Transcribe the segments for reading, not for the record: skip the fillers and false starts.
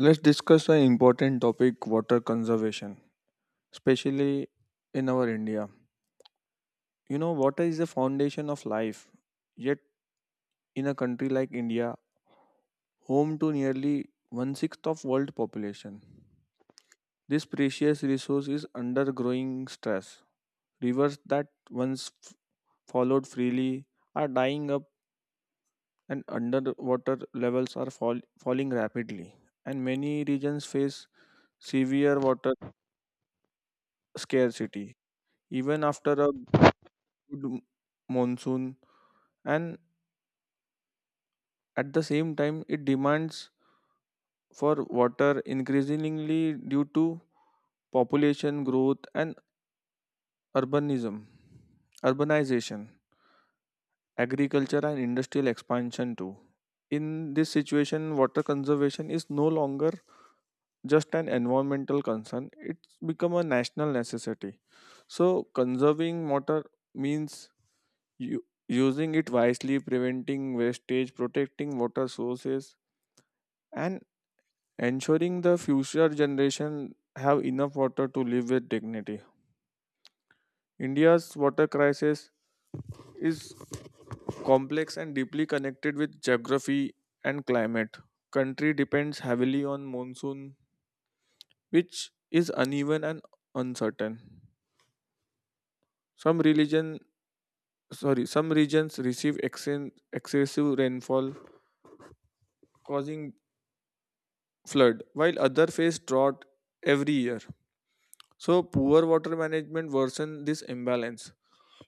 Let's discuss an important topic, water conservation, especially in our India. You know, water is the foundation of life. Yet, in a country like India, home to nearly one sixth of world population, this precious resource is under growing stress. Rivers that once followed freely are dying up, and underwater levels are falling rapidly. And many regions face severe water scarcity, even after a good monsoon. And at the same time, it demands for water increasingly due to population growth and urbanism urbanization, agriculture and industrial expansion too. In this situation, water conservation is no longer just an environmental concern, it's become a national necessity. So, conserving water means using it wisely, preventing wastage, protecting water sources, and ensuring the future generation have enough water to live with dignity. India's water crisis is complex and deeply connected with geography and climate. Country depends heavily on monsoon, which is uneven and uncertain. Some religion, some regions receive excessive rainfall causing flood, while other face drought every year. So poor water management worsen this imbalance.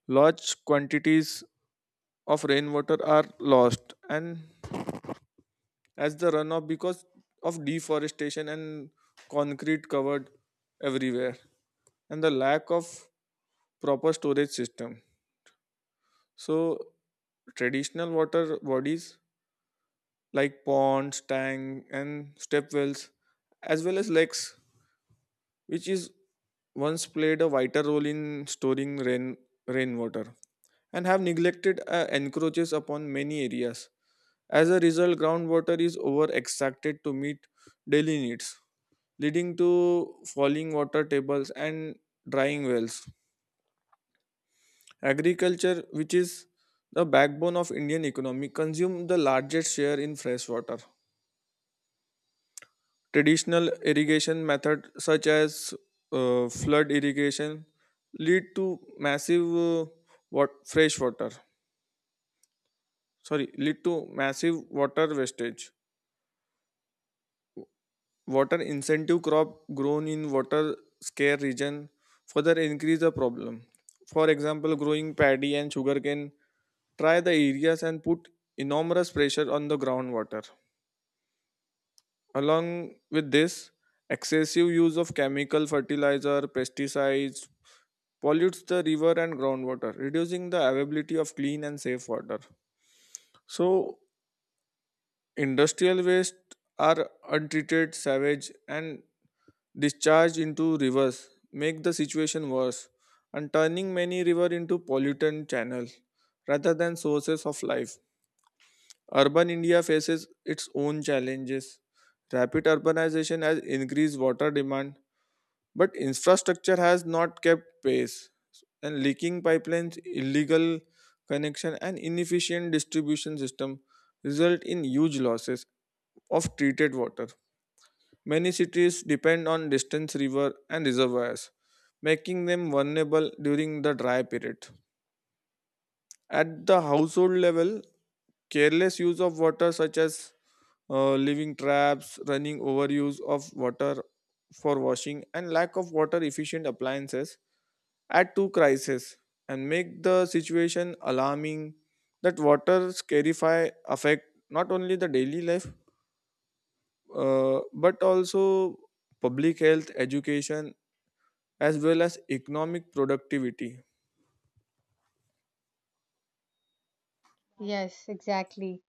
Large quantities of rainwater are lost and as the runoff because of deforestation and concrete covered everywhere and the lack of proper storage system. So traditional water bodies like ponds, tank and step wells as well as lakes, which is once played a vital role in storing rainwater, and have neglected, encroaches upon many areas. As a result, groundwater is over extracted to meet daily needs, leading to falling water tables and drying wells. Agriculture, which is the backbone of Indian economy, consumes the largest share in fresh water. Traditional irrigation methods such as flood irrigation lead to massive what fresh water sorry lead to massive water wastage. Water incentive crop grown in water scarce region further increase the problem. For example, growing paddy and sugarcane try the areas and put enormous pressure on the groundwater. Along with this, excessive use of chemical fertilizer, pesticides, pollutes the river and groundwater, reducing the availability of clean and safe water. So, industrial waste are untreated, savage, and discharged into rivers, make the situation worse, and turning many river into pollutant channels rather than sources of life. Urban India faces its own challenges. Rapid urbanization has increased water demand, but infrastructure has not kept pace, and leaking pipelines, illegal connection and inefficient distribution system result in huge losses of treated water. Many cities depend on distant river and reservoirs, making them vulnerable during the dry period. At the household level, careless use of water, such as living traps running, overuse of water for washing and lack of water efficient appliances add to crisis and make the situation alarming. That water scarcity affect not only the daily life, but also public health, education, as well as economic productivity. Yes, exactly.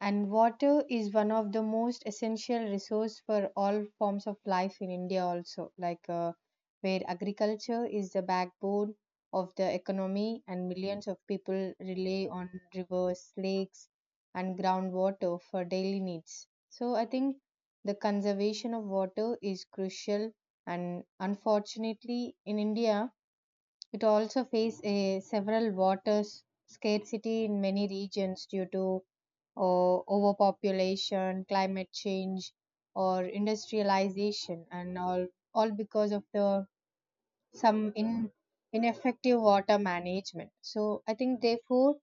And water is one of the most essential resource for all forms of life in India also, where agriculture is the backbone of the economy and millions of people rely on rivers, lakes and groundwater for daily needs. So I think the conservation of water is crucial and unfortunately in India it also faces a several water scarcity in many regions due to overpopulation, climate change, or industrialization, and all because of the some in, ineffective water management. So I think therefore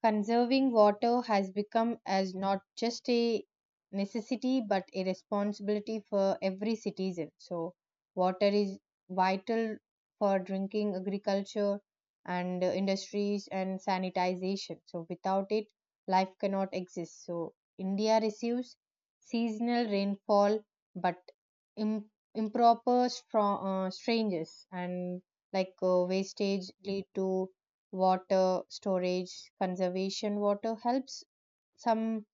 conserving water has become as not just a necessity but a responsibility for every citizen. So, water is vital for drinking, agriculture, and industries and sanitization. So, without it, life cannot exist. So, India receives seasonal rainfall but im- improper strangers and wastage lead to water storage, conservation water helps some,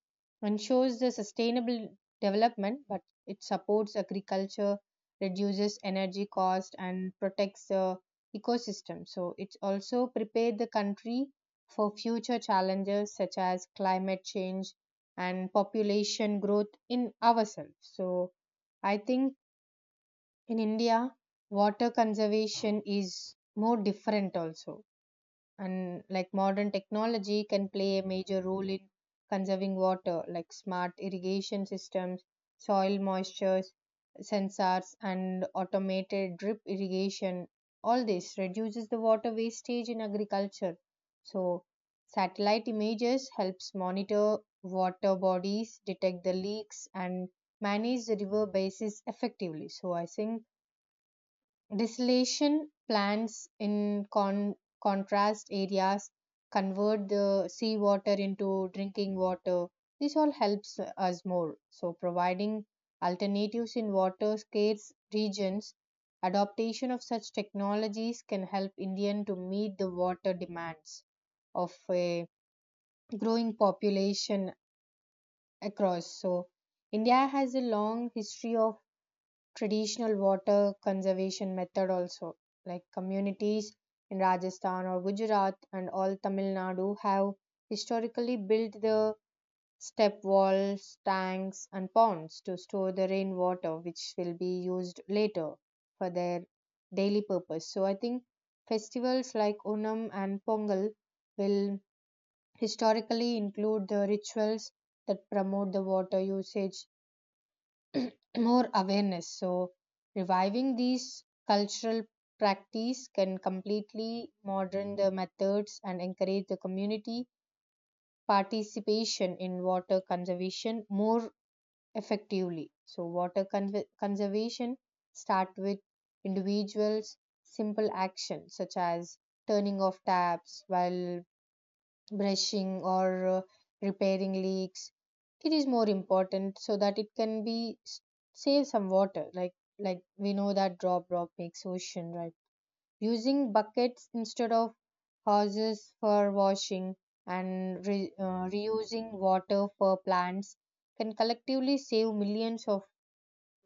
ensures the sustainable development but it supports agriculture, reduces energy cost and protects the ecosystem. So it's also prepared the country for future challenges such as climate change and population growth in ourselves. So I think in India water conservation is more different also, and like modern technology can play a major role in conserving water like smart irrigation systems, soil moisture sensors and automated drip irrigation. All this reduces the water wastage in agriculture. So satellite images helps monitor water bodies, detect the leaks and manage the river bases effectively. So I think distillation plants, in contrast areas, convert the seawater into drinking water. This all helps us more. So, providing alternatives in water scarce regions, adaptation of such technologies can help Indian to meet the water demands of a growing population across. So, India has a long history of traditional water conservation method also, like communities in Rajasthan or Gujarat and all Tamil Nadu have historically built the step walls, tanks and ponds to store the rainwater which will be used later for their daily purpose. So I think festivals like Onam and Pongal will historically include the rituals that promote the water usage, more awareness. So reviving these cultural practice can completely modern the methods and encourage the community participation in water conservation more effectively. So water conservation start with individuals. Simple actions such as turning off taps while brushing or repairing leaks it is more important, so that it can be save some water. Like we know that drop drop makes ocean, right? Using buckets instead of hoses for washing and reusing water for plants can collectively save millions of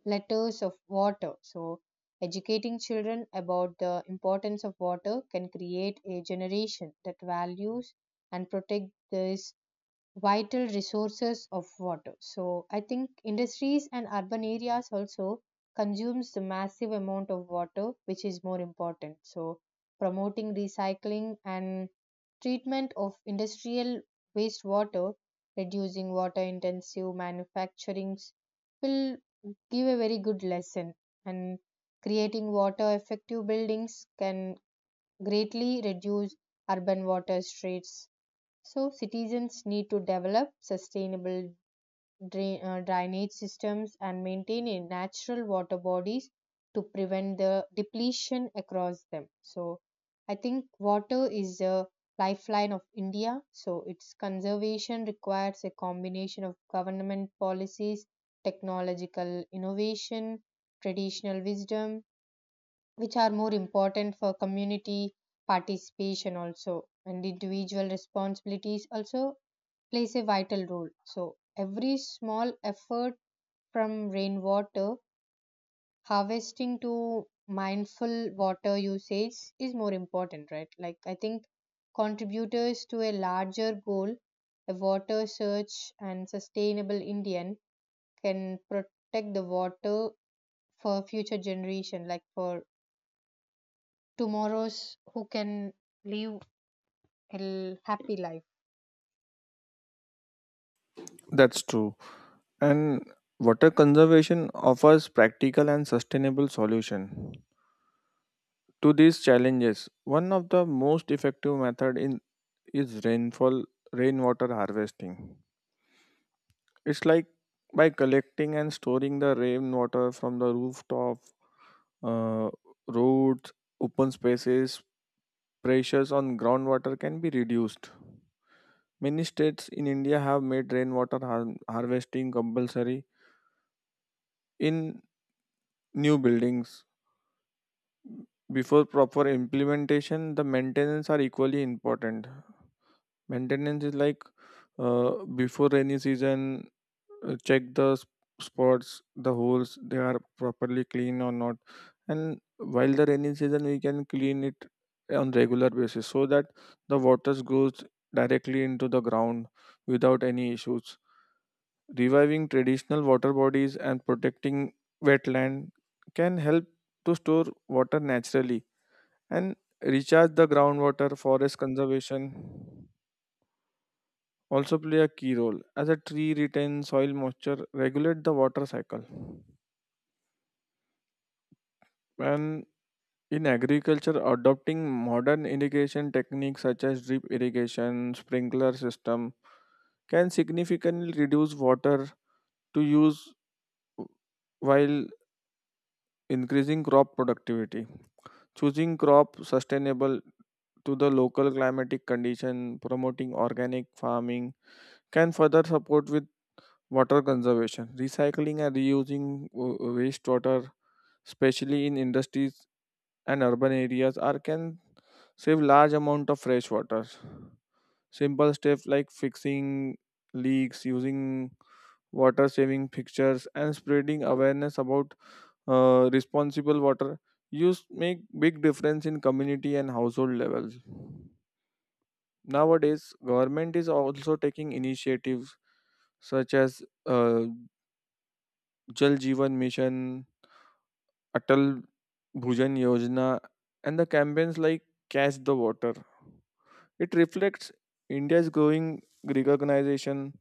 letters of water. So, educating children about the importance of water can create a generation that values and protect this vital resources of water. So I think industries and urban areas also consumes the massive amount of water which is more important. So promoting recycling and treatment of industrial wastewater, reducing water intensive manufacturings will give a very good lesson, and creating water effective buildings can greatly reduce urban water streets. So, citizens need to develop sustainable drainage systems and maintain a natural water bodies to prevent the depletion across them. So, I think water is a lifeline of India. So, its conservation requires a combination of government policies, technological innovation, traditional wisdom, which are more important for community participation also, and individual responsibilities also plays a vital role. So, every small effort from rainwater harvesting to mindful water usage is more important, right? Like, I think contributors to a larger goal, a water search and sustainable Indian can protect the water for future generation, like for tomorrow's who can live a happy life. That's true. And water conservation offers practical and sustainable solution to these challenges. One of the most effective method in is rainfall rainwater harvesting. It's like by collecting and storing the rainwater from the rooftop, uh, roads, open spaces, pressures on groundwater can be reduced. Many states in India have made harvesting compulsory in new buildings. Before proper implementation, the maintenance are equally important. Maintenance is like, before rainy season, check the spots, the holes, they are properly clean or not, and while the rainy season we can clean it on regular basis so that the waters goes directly into the ground without any issues. Reviving traditional water bodies and protecting wetland can help to store water naturally and recharge the groundwater. Forest conservation also play a key role, as a tree retains soil moisture, regulate the water cycle. And in agriculture, adopting modern irrigation techniques such as drip irrigation, sprinkler system can significantly reduce water to use while increasing crop productivity. Choosing crop sustainable to the local climatic condition, promoting organic farming can further support with water conservation. Recycling and reusing wastewater, especially in industries and urban areas are can save large amount of fresh water. Simple steps like fixing leaks, using water saving fixtures, and spreading awareness about responsible water use make big difference in community and household levels. Nowadays, government is also taking initiatives such as, Jal Jeevan Mission, Atal Bhujan Yojana, and the campaigns like Catch the Water. It reflects India's growing recognition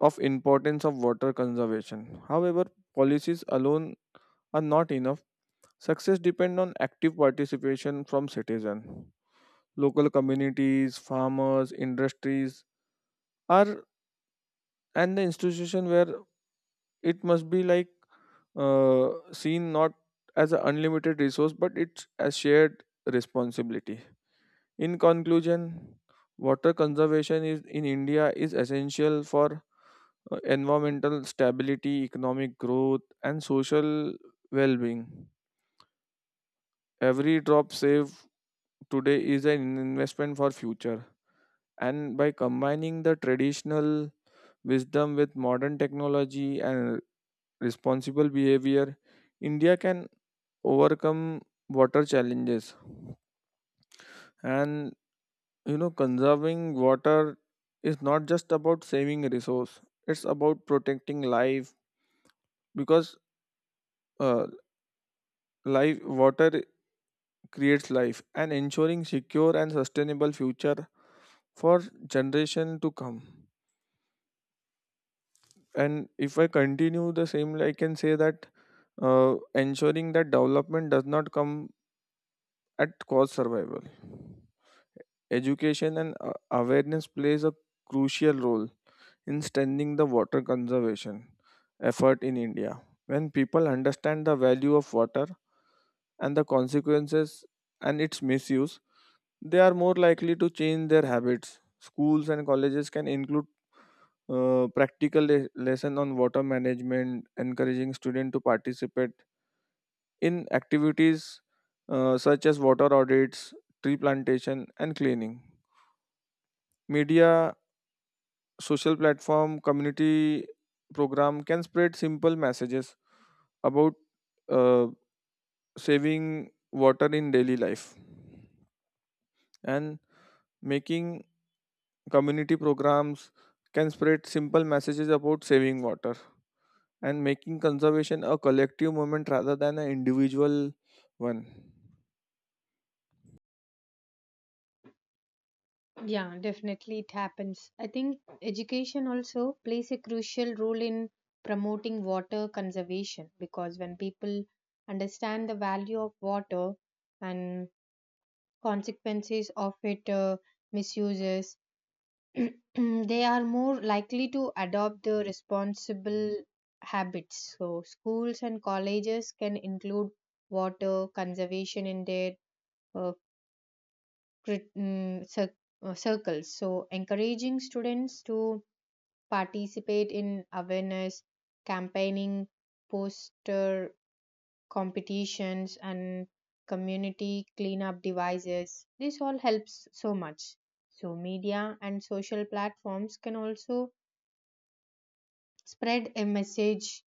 of importance of water conservation. However, policies alone are not enough. Success depends on active participation from citizens. Local communities, farmers, industries are and the institution where it must be like, seen not as an unlimited resource but it's a shared responsibility. In conclusion, water conservation is in India is essential for environmental stability, economic growth, and social well-being. Every drop saved today is an investment for future. And by combining the traditional wisdom with modern technology and responsible behavior, India can overcome water challenges. And you know, conserving water is not just about saving a resource, it's about protecting life, because uh, life water creates life and ensuring secure and sustainable future for generation to come. And if I continue the same, I can say that ensuring that development does not come at cost survival. Education and awareness plays a crucial role in strengthening the water conservation effort in India. When people understand the value of water and the consequences and its misuse, they are more likely to change their habits. Schools and colleges can include practical lesson on water management, encouraging students to participate in activities such as water audits, tree plantation, and cleaning. Media, social platform, community program can spread simple messages about uh, saving water in daily life, and making community programs can spread simple messages about saving water and making conservation a collective movement rather than an individual one. Yeah, definitely it happens. I think education also plays a crucial role in promoting water conservation because when people understand the value of water and consequences of it misuses, they are more likely to adopt the responsible habits. So schools and colleges can include water conservation in their uh, crit- mm, cir- circles. So, encouraging students to participate in awareness, campaigning, poster competitions, and community cleanup devices. This all helps so much. So, media and social platforms can also spread a message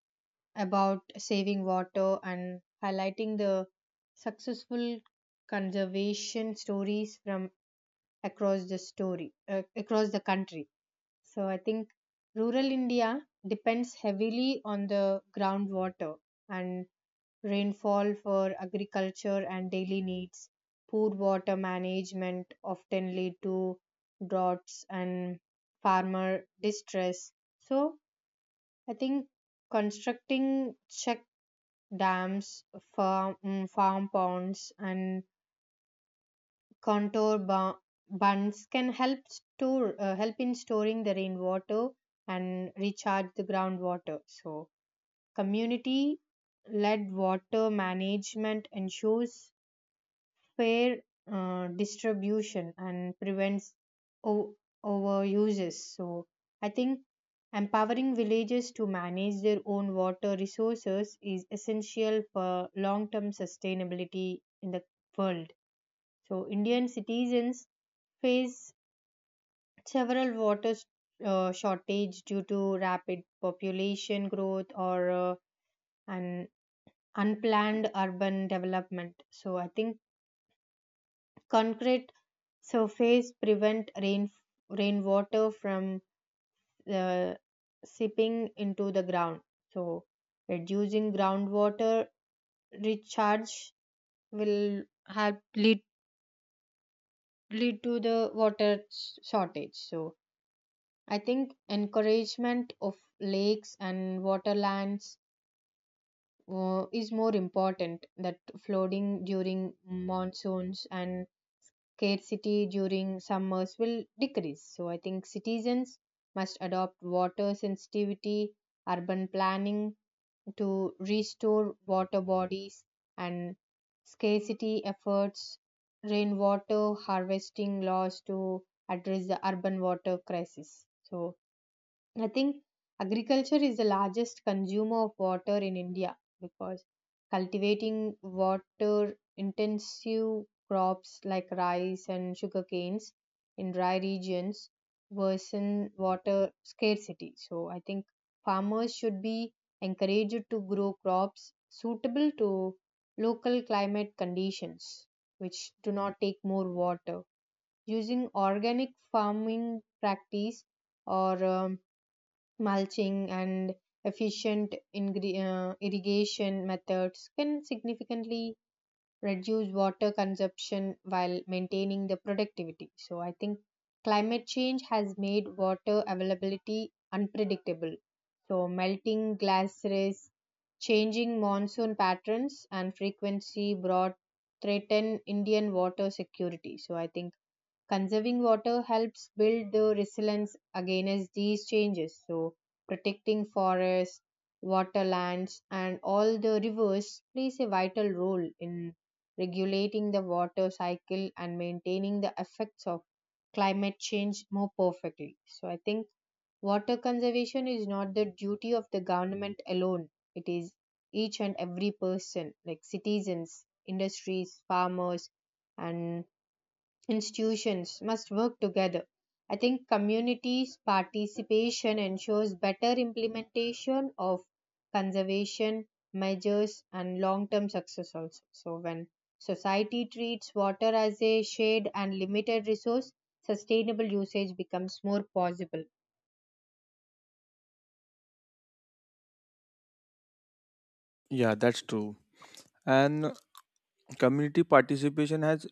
about saving water and highlighting the successful conservation stories from across the country. So I think rural India depends heavily on the groundwater and rainfall for agriculture and daily needs. Poor water management often lead to droughts and farmer distress. So I think constructing check dams, farm ponds and contour bu- buns can help store help in storing the rainwater and recharge the groundwater. So community led water management ensures fair distribution and prevents o- overuses. So I think empowering villages to manage their own water resources is essential for long term sustainability in the world. So Indian citizens face several water shortage due to rapid population growth or uh, an unplanned urban development. So I think concrete surface prevent rainwater from uh, seeping into the ground, so reducing groundwater recharge will help lead lead to the water shortage. So I think encouragement of lakes and waterlands is more important, that flooding during monsoons and scarcity during summers will decrease. So I think citizens must adopt water sensitivity, urban planning to restore water bodies and scarcity efforts, rainwater harvesting laws to address the urban water crisis. So I think agriculture is the largest consumer of water in India because cultivating water intensive crops like rice and sugar canes in dry regions worsen water scarcity. So I think farmers should be encouraged to grow crops suitable to local climate conditions which do not take more water. Using organic farming practice or mulching and efficient irrigation methods can significantly reduce water consumption while maintaining the productivity. So I think climate change has made water availability unpredictable. So melting glaciers, changing monsoon patterns and frequency brought threaten Indian water security. So I think conserving water helps build the resilience against these changes. So, protecting forests, waterlands, and all the rivers plays a vital role in regulating the water cycle and maintaining the effects of climate change more perfectly. So, I think water conservation is not the duty of the government alone, it is each and every person, like citizens, industries, farmers, and institutions must work together. I think communities' participation ensures better implementation of conservation measures and long term success also. So, when society treats water as a shared and limited resource, sustainable usage becomes more possible. Yeah, that's true. And community participation has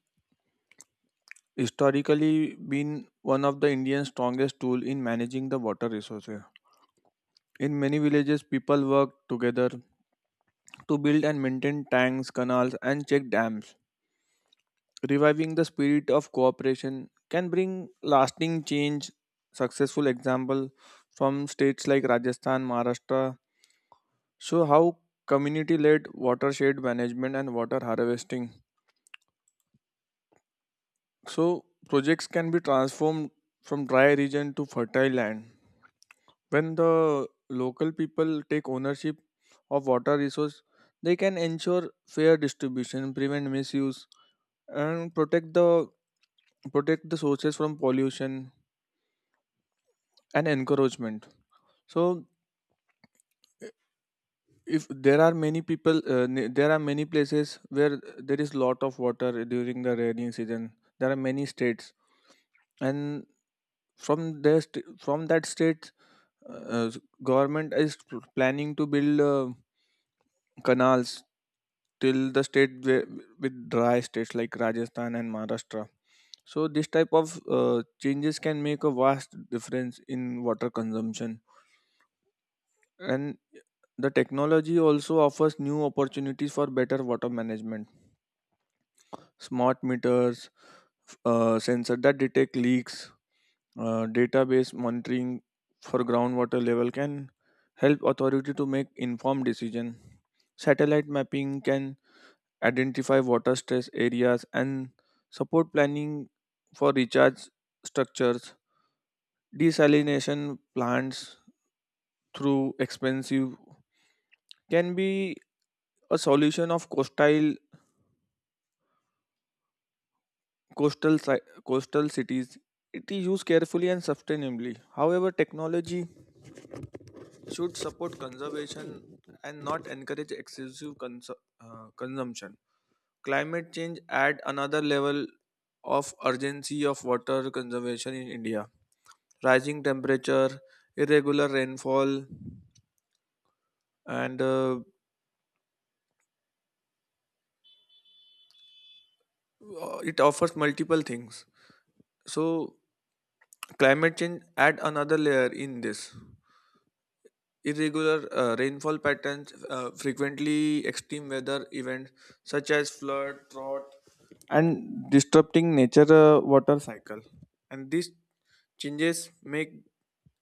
historically been one of the Indian strongest tool in managing the water resources. In many villages, people work together to build and maintain tanks, canals, and check dams. Reviving the spirit of cooperation can bring lasting change. Successful example from states like Rajasthan, Maharashtra show how community-led watershed management and water harvesting. So projects can be transformed from dry region to fertile land. When the local people take ownership of water resource, they can ensure fair distribution, prevent misuse, and protect the sources from pollution and encouragement. So, if there are many people, there are many places where there is lot of water during the rainy season. There are many states, and from there, uh, government is planning to build canals till the with dry states like Rajasthan and Maharashtra. So this type of changes can make a vast difference in water consumption. And the technology also offers new opportunities for better water management. Smart meters, sensors that detect leaks, database monitoring for groundwater level can help authority to make informed decision. Satellite mapping can identify water stress areas, and support planning for recharge structures. Desalination plants through expensive can be a solution of coastal cities. It is used carefully and sustainably. However, technology should support conservation and not encourage excessive consumption. Climate change add another level of urgency of water conservation in India. Rising temperature, irregular rainfall, and it offers multiple things. So climate change add another layer in this. Irregular rainfall patterns, frequently extreme weather events such as flood, drought, and disrupting nature water cycle. And these changes make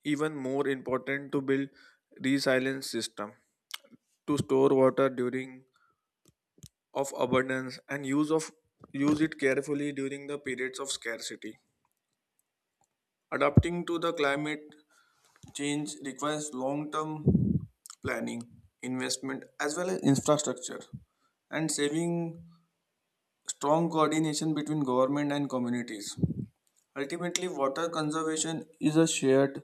even more important to build resilience system to store water during of abundance and use it carefully during the periods of scarcity. Adapting to the climate change requires long-term planning, investment as well as infrastructure and saving strong coordination between government and communities. Ultimately, water conservation is a shared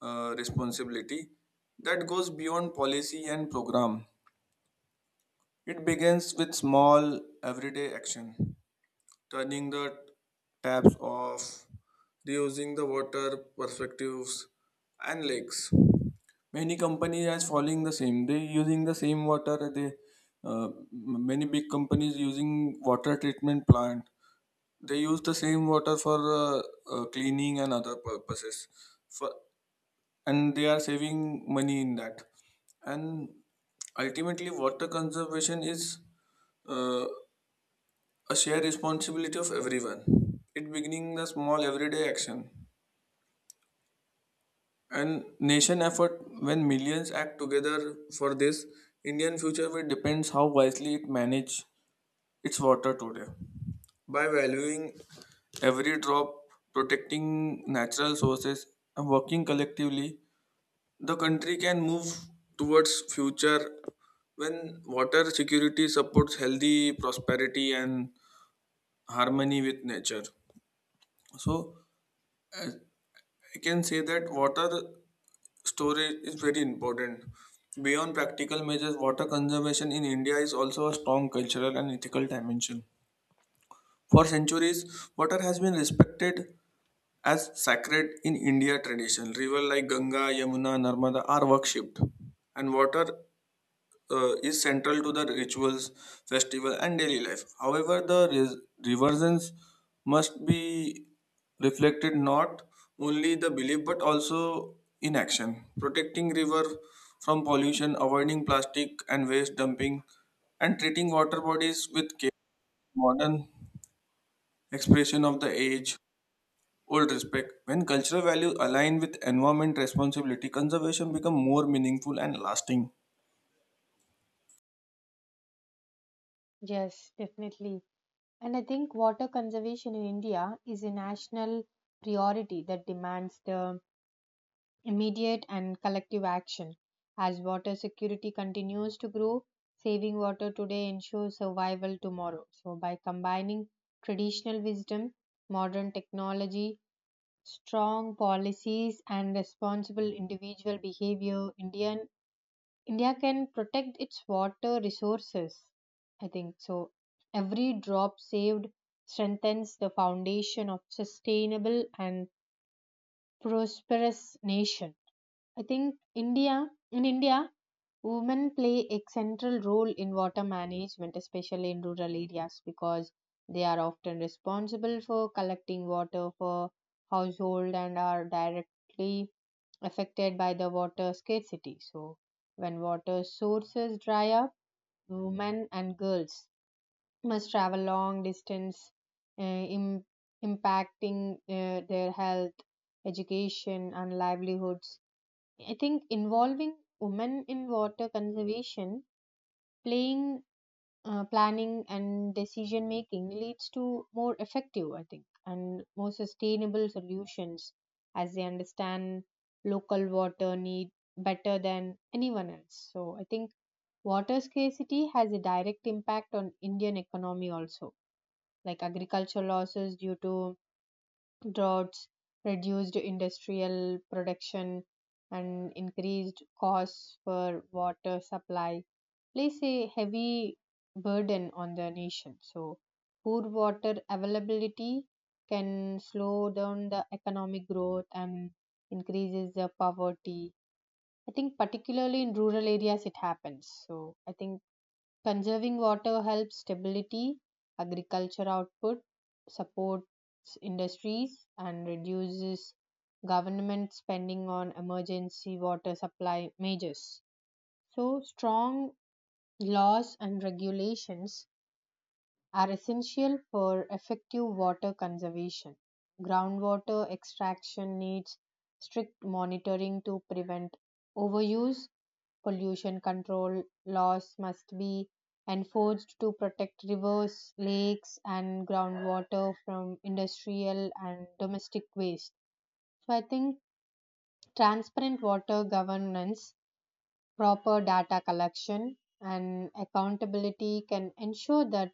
responsibility that goes beyond policy and program. It begins with small everyday action, turning the taps off, reusing the water perspectives and lakes. Many companies are following the same. They using the same water. They uh, many big companies using water treatment plant. They use the same water for cleaning and other purposes. For and they are saving money in that. And ultimately, water conservation is uh, a shared responsibility of everyone. It beginning the small everyday action and nation effort when millions act together for this. Indian future will depends how wisely it manage its water today. By valuing every drop, protecting natural sources and working collectively, the country can move towards future when water security supports healthy prosperity and harmony with nature. So I can say that water storage is very important. Beyond practical measures, water conservation in India is also a strong cultural and ethical dimension. For centuries, water has been respected as sacred in India tradition. Rivers like Ganga, Yamuna, Narmada are worshipped, and water is central to the rituals, festival, and daily life. However, the reversions must be reflected not only the belief but also in action. Protecting river from pollution, avoiding plastic and waste dumping, and treating water bodies with care. Modern expression of the age old respect. When cultural values align with environment responsibility, conservation become more meaningful and lasting. Yes, definitely. And I think water conservation in India is a national priority that demands the immediate and collective action. As water security continues to grow, saving water today ensures survival tomorrow. So, by combining traditional wisdom, modern technology, strong policies, and responsible individual behavior, Indian, India can protect its water resources. I think so. Every drop saved strengthens the foundation of sustainable and prosperous nation. I think India, in India, women play a central role in water management, especially in rural areas, because they are often responsible for collecting water for household and are directly affected by the water scarcity. So, when water sources dry up, women and girls must travel long distance, uh, im- impacting their health, education, and livelihoods. I think involving women in water conservation, playing, planning, and decision making leads to more effective, I think, and more sustainable solutions, as they understand local water need better than anyone else. So I think water scarcity has a direct impact on Indian economy also, like agricultural losses due to droughts, reduced industrial production, and increased costs for water supply place a heavy burden on the nation. So, poor water availability can slow down the economic growth and increases the poverty. I think particularly in rural areas it happens. So I think conserving water helps stability, agriculture output, supports industries, and reduces government spending on emergency water supply measures. So, strong laws and regulations are essential for effective water conservation. Groundwater extraction needs strict monitoring to prevent overuse. Pollution control laws must be enforced to protect rivers, lakes, and groundwater from industrial and domestic waste. So, I think transparent water governance, proper data collection, and accountability can ensure that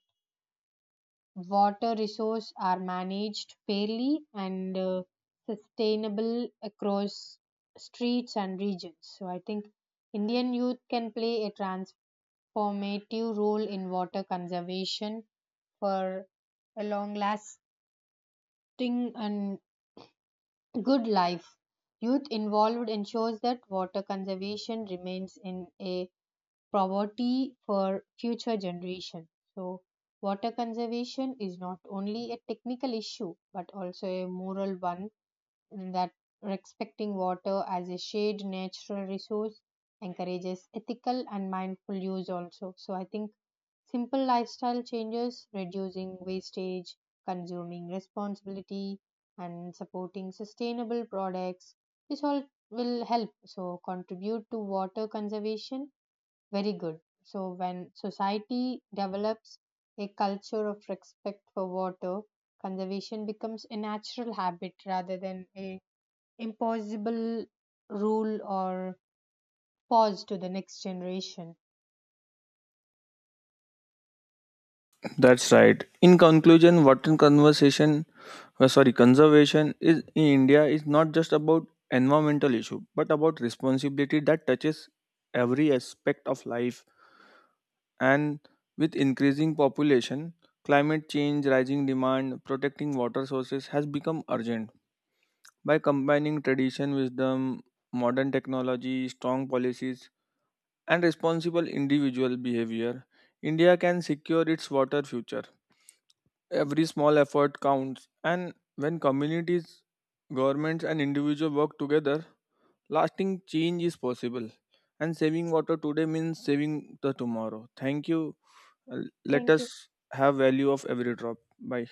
water resources are managed fairly and sustainable across streets and regions. So I think Indian youth can play a transformative role in water conservation for a long lasting and good life. Youth involved ensures that water conservation remains in a poverty for future generation. So, water conservation is not only a technical issue but also a moral one, in that respecting water as a shared natural resource encourages ethical and mindful use also. So, I think simple lifestyle changes, reducing wastage, consuming responsibility, and supporting sustainable products, this all will help so contribute to water conservation very good. So, when society develops a culture of respect for water, conservation becomes a natural habit rather than a impossible rule or pause to the next generation. That's right. In conclusion, conservation is in India is not just about environmental issue, but about responsibility that touches every aspect of life. And with increasing population, climate change, rising demand, protecting water sources has become urgent. By combining tradition, wisdom, modern technology, strong policies, and responsible individual behavior, India can secure its water future. Every small effort counts, and when communities, governments, and individuals work together, lasting change is possible. And saving water today means saving the tomorrow. Thank you. Uh, Let Thank you. us have value of every drop. Bye.